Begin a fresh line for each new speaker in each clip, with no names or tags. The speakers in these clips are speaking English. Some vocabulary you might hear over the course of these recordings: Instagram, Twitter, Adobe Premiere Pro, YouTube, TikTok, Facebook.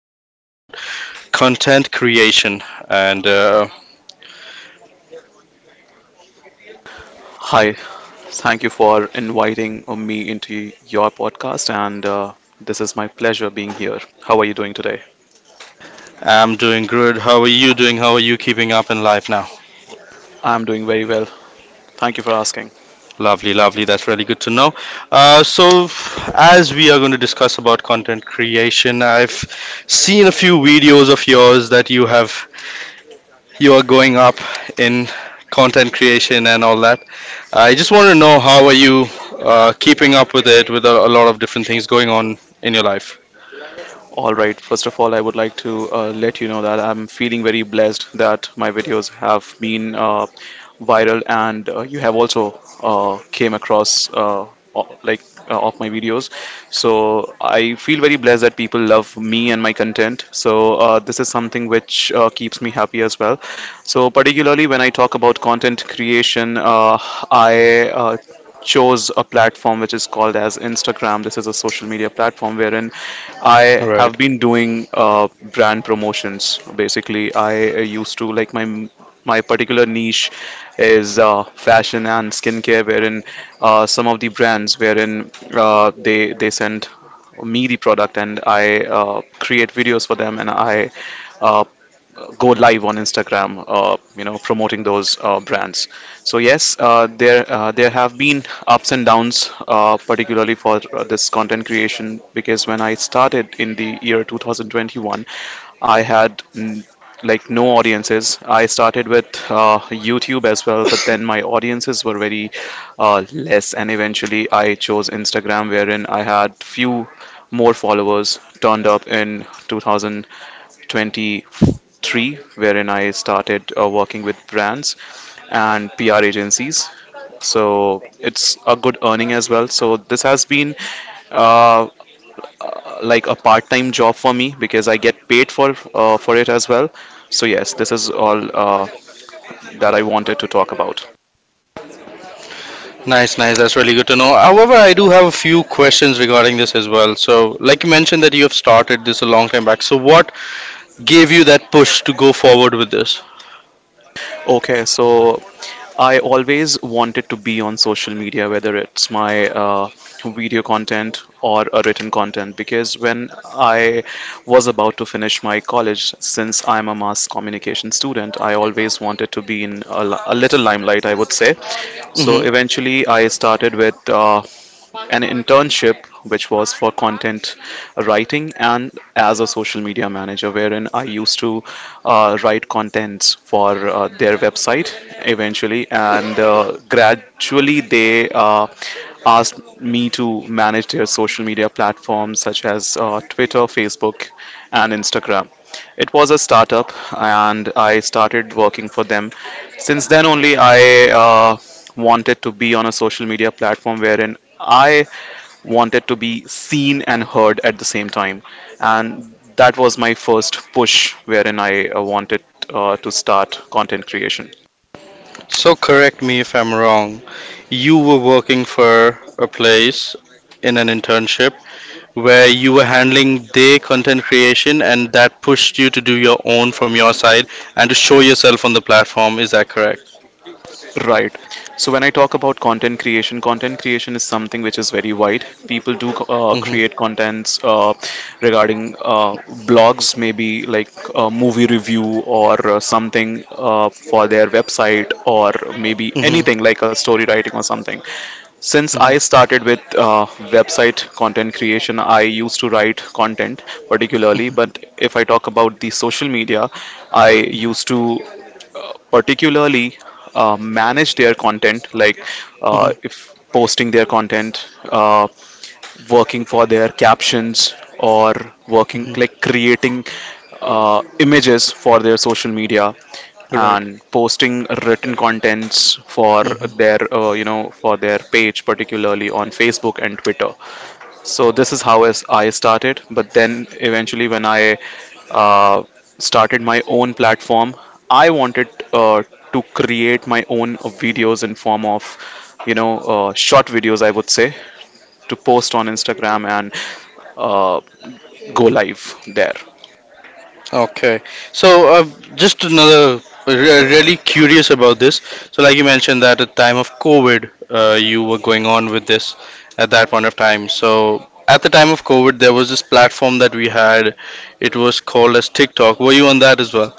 to talk about content creation. And
Hi, thank you for inviting me into your podcast, and this is my pleasure being here. How are you doing today?
I'm doing good. How are you doing? How are you keeping up in life now?
I'm doing very well. Thank you for asking.
Lovely, lovely. That's really good to know. Uh, so, as we are going to discuss about content creation, I've seen a few videos of yours that you are going up in content creation and all that. I just want to know how are you keeping up with it with a lot of different things going on in your life.
All right. First of all, I would like to let you know that I'm feeling very blessed that my videos have been viral, and you have also came across o- like of my videos. So I feel very blessed that people love me and my content. So this is something which keeps me happy as well. So particularly when I talk about content creation, I chose a platform which is called as Instagram. This is a social media platform wherein I have
Right.
been doing brand promotions. Basically, I used to like my particular niche is fashion and skincare, wherein some of the brands wherein uh, they send me the product and I create videos for them, and I uh, go live on Instagram, promoting those brands. So yes, there have been ups and downs, particularly for this content creation, because when I started in the year 2021, I had like no audiences. I started with YouTube as well, but then my audiences were very less, and eventually I chose Instagram, wherein I had few more followers turned up in 2000 2023, wherein I started working with brands and PR agencies. So it's a good earning as well. So this has been uh, like a part-time job for me because I get paid for it as well. So yes, this is all that I wanted to talk about.
Nice, nice. That's really good to know. However, I do have a few questions regarding this as well. So, like you mentioned that you have started this a long time back. So, what gave you that push to go forward with this?
Okay, so I always wanted to be on social media, whether it's my video content or a written content, because when I was about to finish my college, since I'm a mass communication student, I always wanted to be in a little limelight, I would say. So
Hmm.
eventually, I started with an internship which was for content writing and as a social media manager, wherein I used to write contents for their website eventually, and gradually they asked me to manage their social media platforms such as Twitter, Facebook, and Instagram. It was a startup, and I started working for them. Since then only, I uh, wanted to be on a social media platform wherein I wanted to be seen and heard at the same time. And that was my first push wherein I wanted to start content creation.
So, correct me if I'm wrong. You were working for a place in an internship where you were handling their content creation and that pushed you to do your own from your side and to show yourself on the platform. Is that correct?
Right. So when I talk about content creation is something which is very wide. People do
Hmm.
create contents regarding blogs, maybe like movie review or something for their website, or maybe
Hmm.
anything like a story writing or something. Since
Hmm.
I started with website content creation, I used to write content particularly. But if I talk about the social media, I used to particularly manage their content, like
Hmm.
if posting their content, working for their captions, or working
Hmm.
like creating images for their social media
Right.
and posting written contents for
Hmm.
their for their page, particularly on Facebook and Twitter. So this is how is I started. But then eventually, when I uh, started my own platform, I wanted to create my own videos in form of, short videos, I would say, to post on Instagram and uh, go live there.
Okay. So, uh, just another really curious about this. So, like you mentioned that at time of COVID, you were going on with this at that point of time. So, at the time of COVID, there was this platform that we had. It was called as TikTok. Were you on that as well?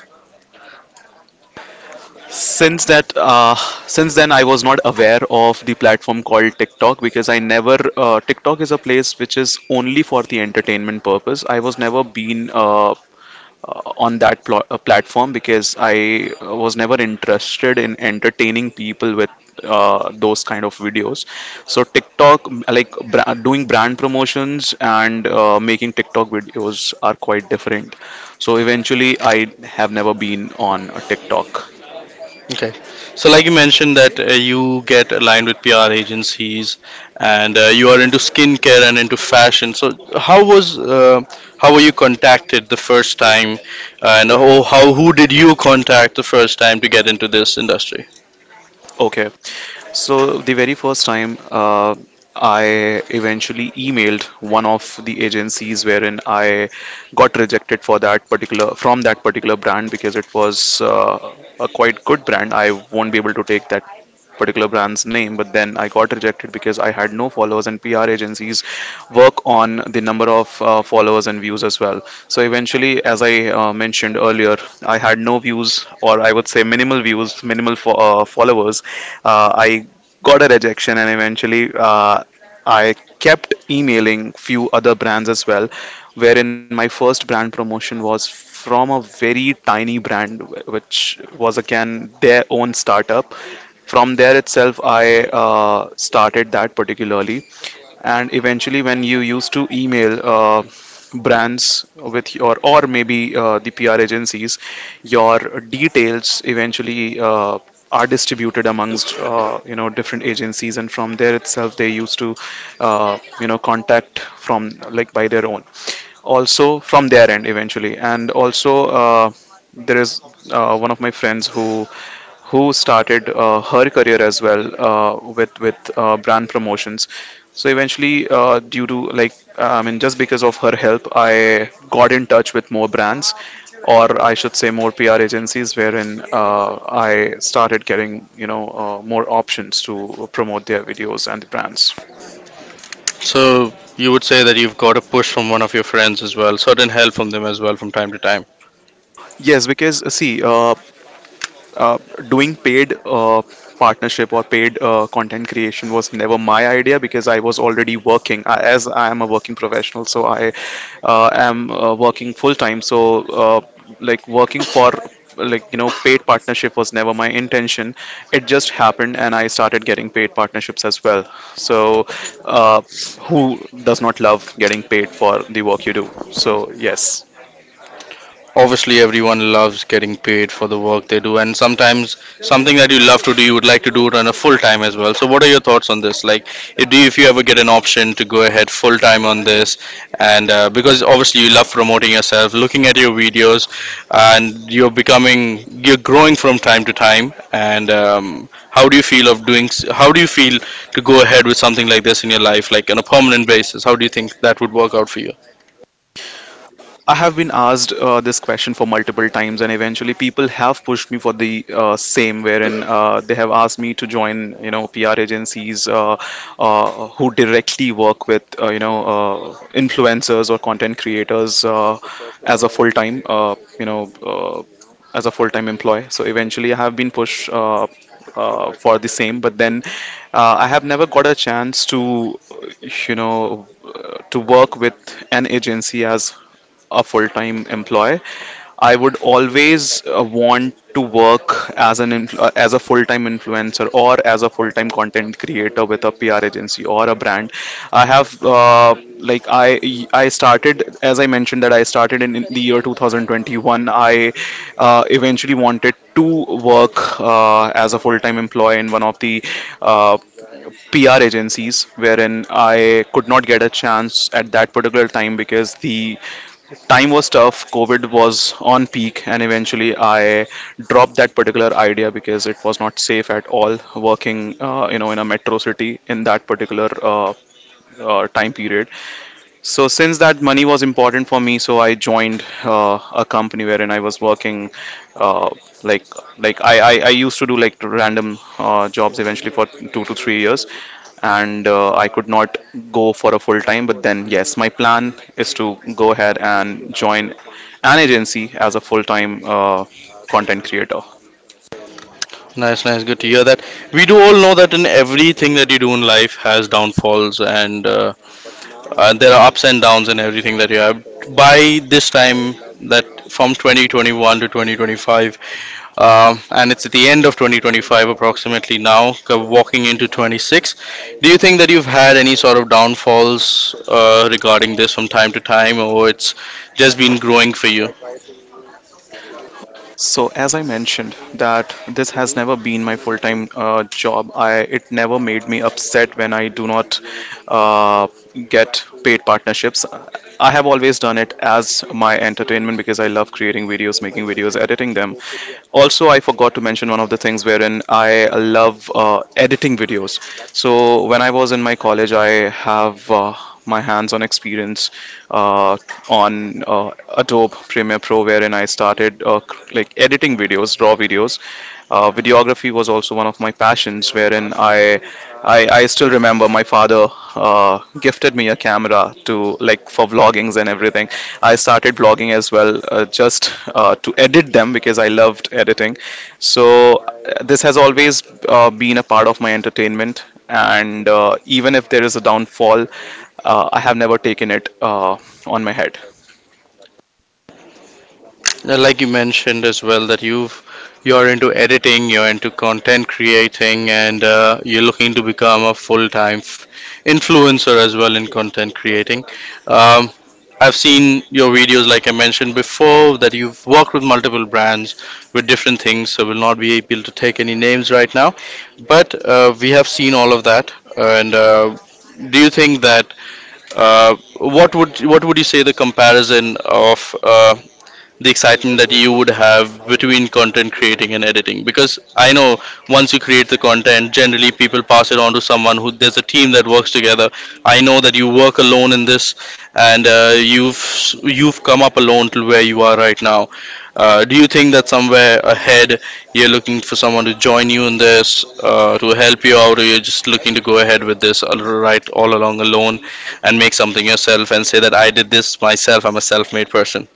Since that, uh, since then, I was not aware of the platform called TikTok because I never TikTok is a place which is only for the entertainment purpose. I was never been on that platform because I was never interested in entertaining people with those kind of videos. So TikTok, doing brand promotions and making TikTok videos are quite different. So eventually, I have never been on a TikTok.
Okay. So, like you mentioned, that you get aligned with PR agencies, and you are into skincare and into fashion. So, how was uh, how were you contacted the first time? How who did you contact the first time to get into this industry?
Okay. So the very first time I eventually emailed one of the agencies wherein I got rejected for that particular from that particular brand because it was a quite good brand. I won't be able to take that particular brand's name, but then I got rejected because I had no followers, and PR agencies work on the number of followers and views as well. So eventually, as I mentioned earlier, I had no views, or I would say minimal views, followers. I got a rejection, and eventually, I kept emailing few other brands as well, wherein my first brand promotion was from a very tiny brand, which was again their own startup. From there itself, I started that particularly. And eventually, when you used to email brands with your, or maybe the PR agencies, your details eventually are distributed amongst different agencies, and from there itself they used to contact from, like, by their own also, from their end eventually. And also there is one of my friends who started her career as well with brand promotions. So eventually, due to, like, I mean, just because of her help, I got in touch with more brands, or I should say more PR agencies, wherein I started getting, you know, more options to promote their videos and the brands.
So you would say that you've got a push from one of your friends as well, certain help from them as well from time to time.
Yes, because see, uh, doing paid partnership or paid content creation was never my idea because I was already working I, as I am a working professional, so I am working full time. So like working for, like, you know, paid partnership was never my intention. It just happened, and I started getting paid partnerships as well. So uh, who does not love getting paid for the work you do? So yes.
Obviously everyone loves getting paid for the work they do, and sometimes something that you love to do you would like to do it on a full time as well. So what are your thoughts on this? Like, if you ever get an option to go ahead full time on this, and because obviously you love promoting yourself looking at your videos, and you're growing from time to time. And how do you feel to go ahead with something like this in your life, like on a permanent basis? How do you think that would work out for you?
I have been asked this question for multiple times, and eventually people have pushed me for the same, wherein they have asked me to join, you know, PR agencies who directly work with, influencers or content creators as a full-time, uh, as a full-time employee. So eventually, I have been pushed for the same, but then I have never got a chance to, to work with an agency as a full-time employee. I would always want to work as as a full-time influencer or as a full-time content creator with a PR agency or a brand. I have like I started as I mentioned, that I started in the year 2021. I eventually wanted to work as a full-time employee in one of the uh, PR agencies, wherein I could not get a chance at that particular time because the time was tough. COVID was on peak, and eventually I dropped that particular idea because it was not safe at all working in a metro city in that particular time period. So since that, money was important for me, so I joined a company wherein I was working, uh, like I used to do like random jobs eventually for 2 to 3 years, and I could not go for a full time. But then yes, my plan is to go ahead and join an agency as a full time content creator.
Nice, nice. Good to hear that. We do all know that in everything that you do in life has downfalls, and there are ups and downs in everything that you have. By this time, that from 2021 to 2025, and it's at the end of 2025 approximately now, walking into 26. Do you think that you've had any sort of downfalls regarding this from time to time, or it's just been growing for you?
So as I mentioned, that this has never been my full-time job. I It never made me upset when I do not uh, get paid partnerships. I have always done it as my entertainment because I love creating videos, making videos, editing them. Also, I forgot to mention one of the things wherein I love editing videos. So when I was in my college, I have my hands-on experience uh, on Adobe Premiere Pro, wherein I started editing videos, raw videos. Videography was also one of my passions, wherein I still remember my father gifted me a camera to, like, for vloggings and everything. I started blogging as well, just to edit them because I loved editing. So this has always been a part of my entertainment, and even if there is a downfall, I have never taken it on my head.
Like you mentioned as well that you're into editing, you're into content creating, and you're looking to become a influencer as well in content creating. Um, I've seen your videos, like I mentioned before, that you've worked with multiple brands with different things, so we'll not be able to take any names right now. But we have seen all of that, and do you think that what would you say the comparison of? The excitement that you would have between content creating and editing? Because I know, once you create the content, generally people pass it on to someone who, there's a team that works together. I know that you work alone in this, and you've come up alone to where you are right now. Do you think that somewhere ahead you're looking for someone to join you in this, to help you out? Or you're just looking to go ahead with this, all right, all along alone, and make something yourself and say that I did this myself, I'm a self-made person?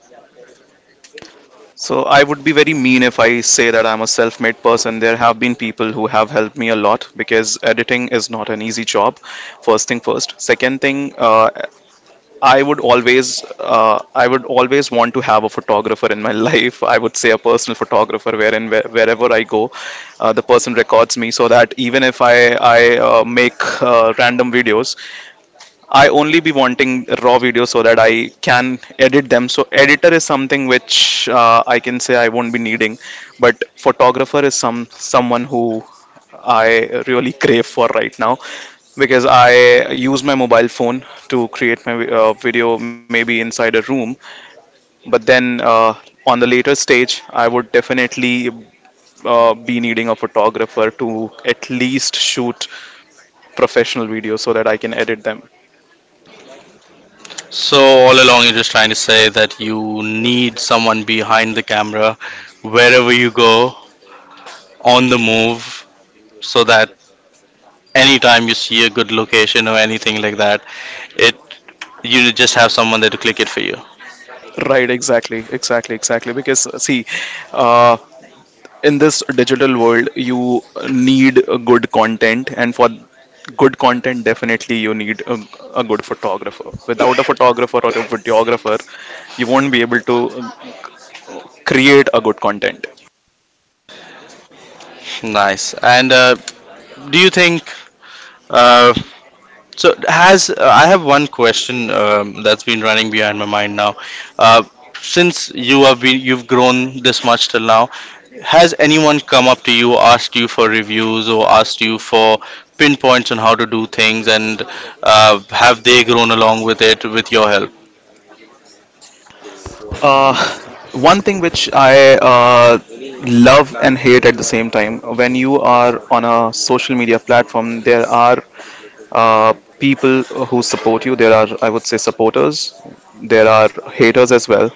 So I would be very mean if I say that I'm a self-made person. There have been people who have helped me a lot because editing is not an easy job. First thing first. Second thing, I would always want to have a photographer in my life. I would say a personal photographer, wherever I go, the person records me, so that even if I make random videos, I only be wanting raw videos so that I can edit them. So editor is something which I can say I won't be needing, but photographer is someone who I really crave for right now because I use my mobile phone to create my video maybe inside a room. But then on the later stage, I would definitely be needing a photographer to at least shoot professional videos so that I can edit them.
So all along, you're just trying to say that you need someone behind the camera, wherever you go, on the move, so that anytime you see a good location or anything like that, it you just have someone there to click it for you.
Right, exactly, exactly, exactly. Because see, uh, in this digital world you need a good content, and for good content definitely you need a good photographer. Without a photographer or a videographer, you won't be able to create a good content.
Nice. And do you think? Uh, so has I have one question, that's been running behind my mind now. Uh, since you have been you've grown this much till now, has anyone come up to you, asked you for reviews, or asked you for pinpoints on how to do things, and have they grown along with it with your help?
uh, One thing which I love and hate at the same time, when you are on a social media platform, there are uh, people who support you. There are, I would say, supporters. There are haters as well.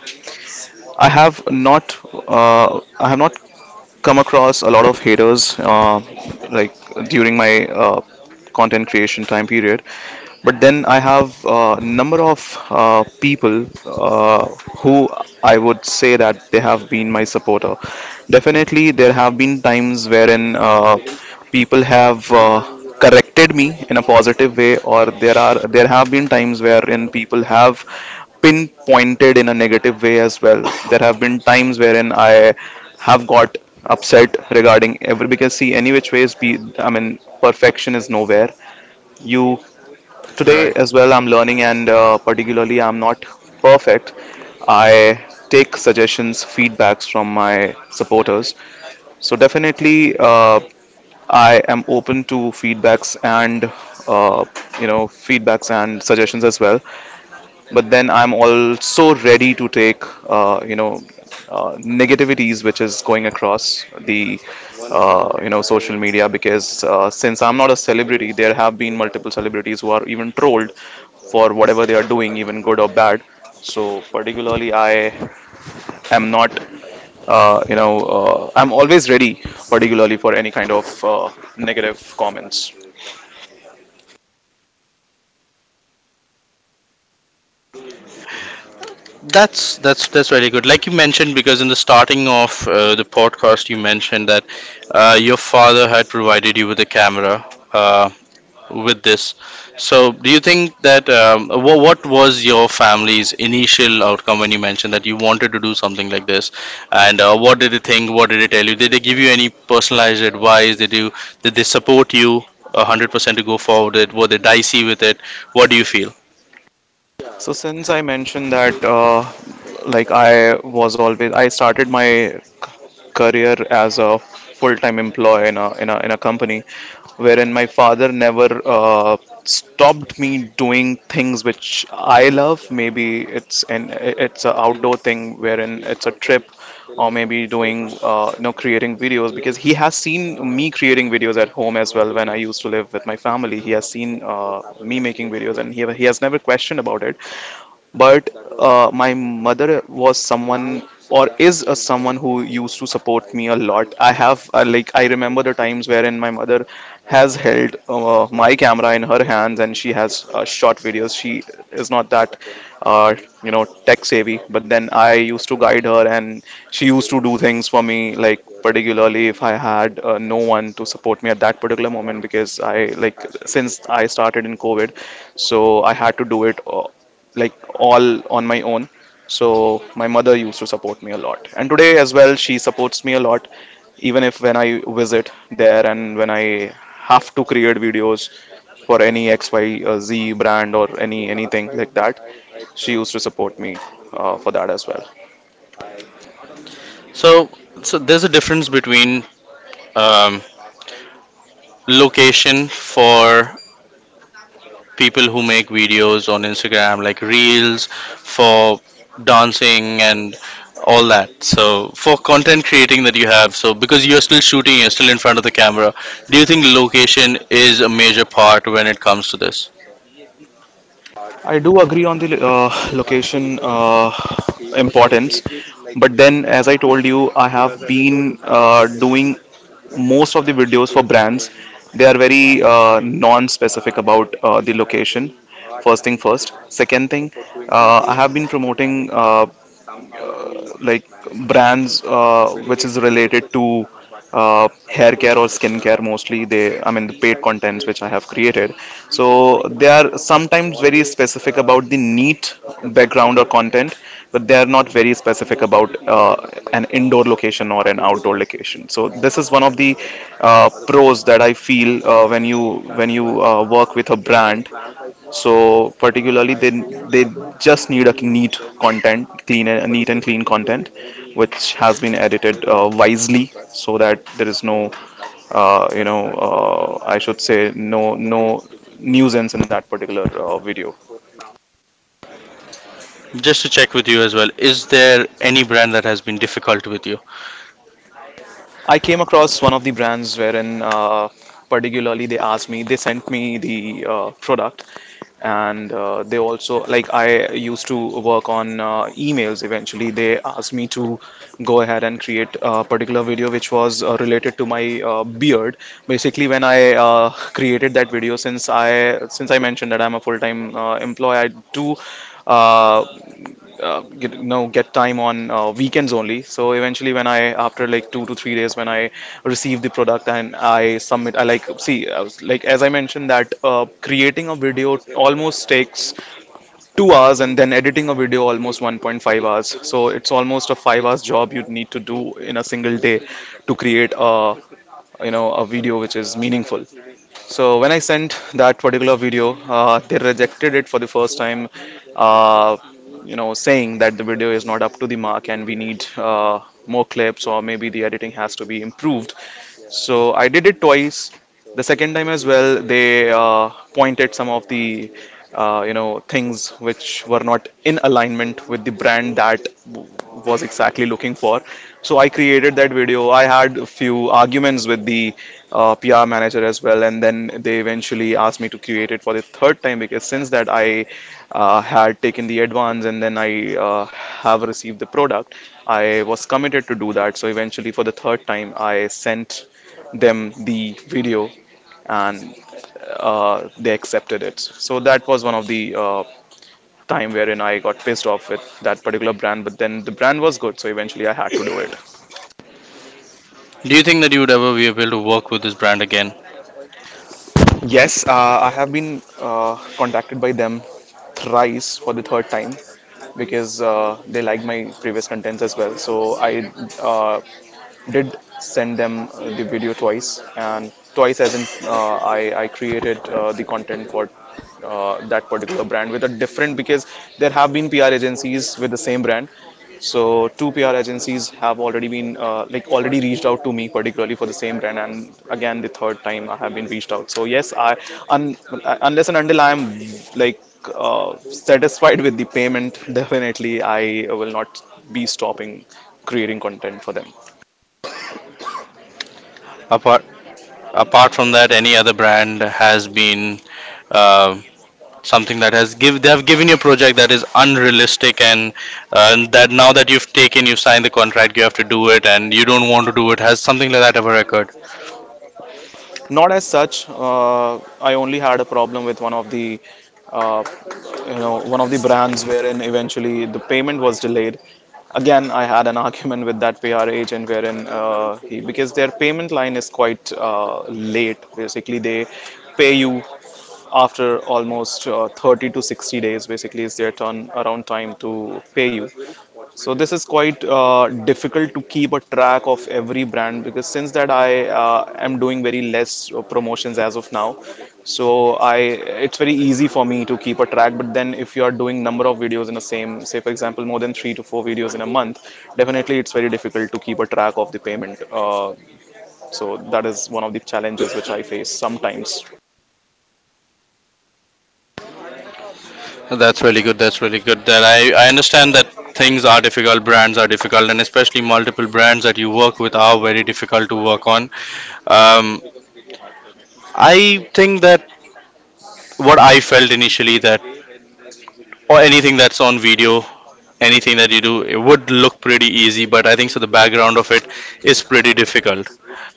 I have not I have not come across a lot of haters, like during my content creation time period. But then I have a number of people who, I would say, that they have been my supporter. Definitely, there have been times wherein people have corrected me in a positive way, or there have been times wherein people have pinpointed in a negative way as well. There have been times wherein I have got upset regarding every, because see, any which ways be, I mean, perfection is nowhere. You, today,
Right.
as well, I'm learning, and particularly, I'm not perfect. I take suggestions, feedbacks from my supporters. So, definitely, I am open to feedbacks and uh, feedbacks and suggestions as well, but then I'm also ready to take negativities which is going across the social media, because since I'm not a celebrity, there have been multiple celebrities who are even trolled for whatever they are doing, even good or bad. So particularly, I am not. I'm always ready, particularly for any kind of negative comments.
That's very good. Like you mentioned, because in the starting of the podcast, you mentioned that your father had provided you with a camera. Uh, with this. So, do you think that what was your family's initial outcome when you mentioned that you wanted to do something like this? And what did they think? What did they tell you? Did they give you any personalized advice? Did they support you 100% to go forward? It were they dicey with it? What do you feel?
So since I mentioned that, I was always, I started my career as a full-time employee in a in a company, wherein my father never stopped me doing things which I love. Maybe it's a outdoor thing, wherein it's a trip, or maybe doing creating videos, because he has seen me creating videos at home as well when I used to live with my family. He has seen me making videos, and he has never questioned about it. But my mother was someone or is a someone who used to support me a lot. I have I remember the times wherein my mother has held my camera in her hands and she has shot videos. She is not that uh, tech savvy, but then I used to guide her and she used to do things for me. Like particularly if I had no one to support me at that particular moment, because I like since I started in covid, so I had to do it, like, all on my own. So my mother used to support me a lot. And today as well, she supports me a lot, even if when I visit there and when I have to create videos for any XYZ brand or any anything like that, she used to support me for that as well.
So, so there's a difference between um, location for people who make videos on Instagram, like reels for dancing and all that. So, for content creating that you have, so because you're still shooting, you're still in front of the camera, do you think location is a major part when it comes to this?
I do agree on the location importance, but then, as I told you, I have been doing most of the videos for brands. They are very non-specific about the location. First thing first. Second thing, I have been promoting uh, like brands which is related to hair care or skin care mostly. They, I mean, the paid contents which I have created, so they are sometimes very specific about the neat background or content, but they are not very specific about uh, an indoor location or an outdoor location. So this is one of the pros that I feel when you work with a brand. So particularly, they just need a neat content, clean and neat and clean content, which has been edited wisely so that there is no, you know, I should say no nuisance in that particular video.
Just to check with you as well, is there any brand that has been difficult with you?
I came across one of the brands wherein, particularly, they sent me the product, and they also like I used to work on emails. Eventually, they asked me to go ahead and create a particular video which was related to my beard. Basically, when I created that video, since I mentioned that I'm a full-time employee, I do uh, get, get time on weekends only. So eventually, when I, after like 2 to 3 days, when I receive the product and I submit, I like see, I was like, as I mentioned, that creating a video almost takes 2 hours, and then editing a video almost 1.5 hours, so it's almost a 5 hours job you need to do in a single day to create a, a video which is meaningful. So when I sent that particular video, they rejected it for the first time, uh, saying that the video is not up to the mark, and we need more clips, or maybe the editing has to be improved. So I did it twice. The second time as well, they pointed some of the things which were not in alignment with the brand that was exactly looking for. So I created that video. I had a few arguments with the PR manager as well, and then they eventually asked me to create it for the third time, because since that I had taken the advance, and then I have received the product. I was committed to do that. So eventually, for the third time, I sent them the video, and they accepted it. So that was one of the time wherein I got pissed off with that particular brand. But then the brand was good, so eventually I had to do it.
Do you think that you would ever be able to work with this brand again?
Yes, I have been contacted by them thrice, for the third time, because they liked my previous contents as well. So I uh, did send them the video twice, and twice as in I created the content for that particular brand with a different, because there have been PR agencies with the same brand. So two PR agencies have already been already reached out to me particularly for the same brand, and again the third time I have been reached out. So yes, un, unless and until I am like satisfied with the payment, definitely I will not be stopping creating content for them.
Apart apart from that, any other brand has been uh, something that has give they have given you a project that is unrealistic, and that now that you've signed the contract, you have to do it and you don't want to do it? Has something like that ever occurred?
Not as such. I only had a problem with one of the, uh, one of the brands wherein eventually the payment was delayed. Again, I had an argument with that PR agent wherein he because their payment line is quite late. Basically, they pay you after almost 30 to 60 days. Basically, is their turn around time to pay you. So this is quite difficult to keep a track of every brand, because since that I am doing very less promotions as of now. So I, it's very easy for me to keep a track. But then if you are doing number of videos in the same, say for example, more than 3 to 4 videos in a month, definitely it's very difficult to keep a track of the payment. So that is one of the challenges which I face sometimes.
That's really good, that's really good, that I understand that things are difficult, brands are difficult, and especially multiple brands that you work with are very difficult to work on. um, I think that what I felt initially, that or anything that's on video, anything that you do, it would look pretty easy, but I think so the background of it is pretty difficult.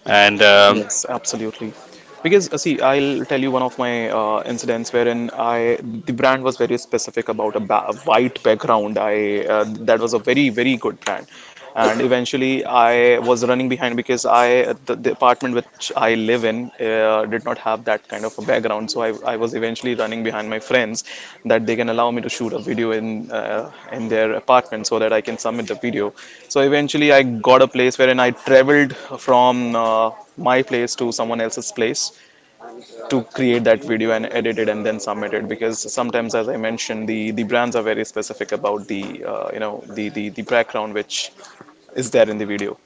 And
Yes, absolutely. Because see, I'll tell you one of my incidents wherein I, the brand was very specific about a white background. I that was a very very good brand, and eventually I was running behind because I, the apartment which I live in did not have that kind of a background. So I was eventually running behind my friends that they can allow me to shoot a video in their apartment so that I can submit the video. So eventually I got a place wherein I traveled from my place to someone else's place to create that video and edit it and then submit it, because sometimes, as I mentioned, the brands are very specific about the the, the background which is there in the video.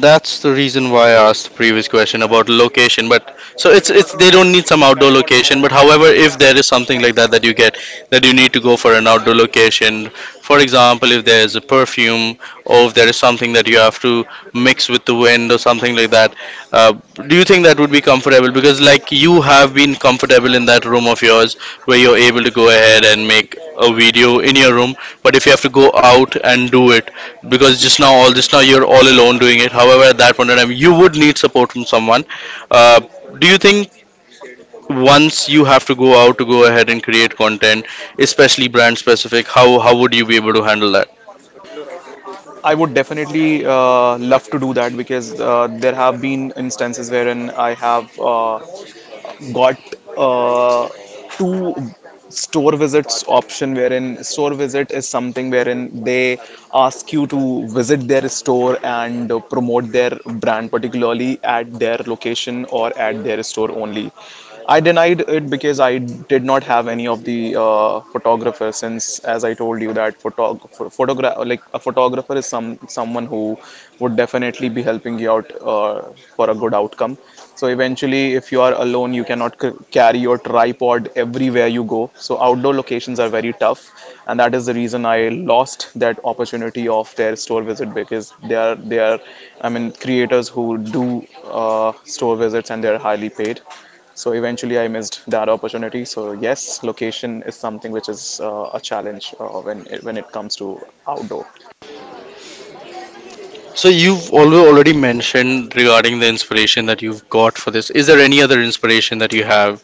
that's the reason why I asked the previous question about location. But so it's they don't need some outdoor location. But however, if there is something like that that you get, that you need to go for an outdoor location, for example, if there's a perfume, or if there is something that you have to mix with the wind or something like that. Uh, do you think that would be comfortable? Because like you have been comfortable in that room of yours, where you're able to go ahead and make a video in your room, but if you have to go out and do it, because just now you're all alone doing it. However, at that point in time, you would need support from someone. Uh, do you think once you have to go out to go ahead and create content, especially brand specific, how would you be able to handle that?
I would definitely love to do that, because there have been instances wherein I have got uh, two store visits option, wherein store visit is something wherein they ask you to visit their store and promote their brand particularly at their location or at their store only. I denied it because I did not have any of the photographer, since, as I told you, that photog pho- photogra like a photographer is someone who would definitely be helping you out for a good outcome. So eventually, if you are alone, you cannot c carry your tripod everywhere you go. So outdoor locations are very tough, and that is the reason I lost that opportunity of their store visit, because they are, I mean, creators who do store visits and they are highly paid. So eventually, I missed that opportunity. So yes, location is something which is a challenge when it comes to outdoor.
So you've already mentioned regarding the inspiration that you've got for this. Is there any other inspiration that you have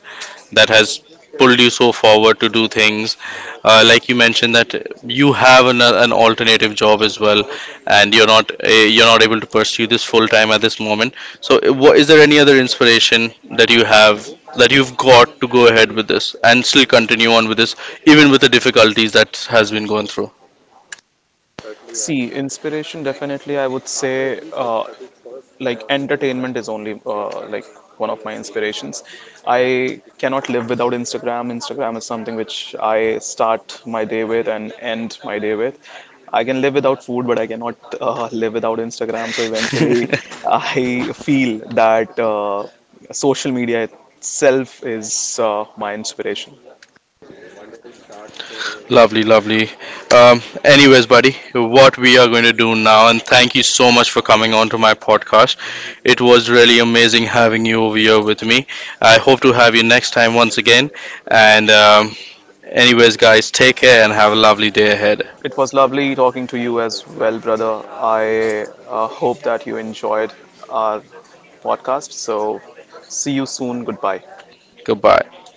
that has pulled you so forward to do things? Like you mentioned that you have an alternative job as well, and you're not able to pursue this full time at this moment. So is there any other inspiration that you have that you've got to go ahead with this and still continue on with this, even with the difficulties that has been going through?
See, inspiration, definitely, I would say, entertainment is only one of my inspirations. I cannot live without Instagram. Instagram is something which I start my day with and end my day with. I can live without food, but I cannot live without Instagram. So eventually, I feel that social media itself is my inspiration.
Lovely, lovely. Anyways, buddy, what we are going to do now, and thank you so much for coming on to my podcast. It was really amazing having you over here with me. I hope to have you next time once again. And, anyways, guys, take care and have a lovely day ahead.
It was lovely talking to you as well, brother. I hope that you enjoyed our podcast. So, see you soon. Goodbye.
Goodbye.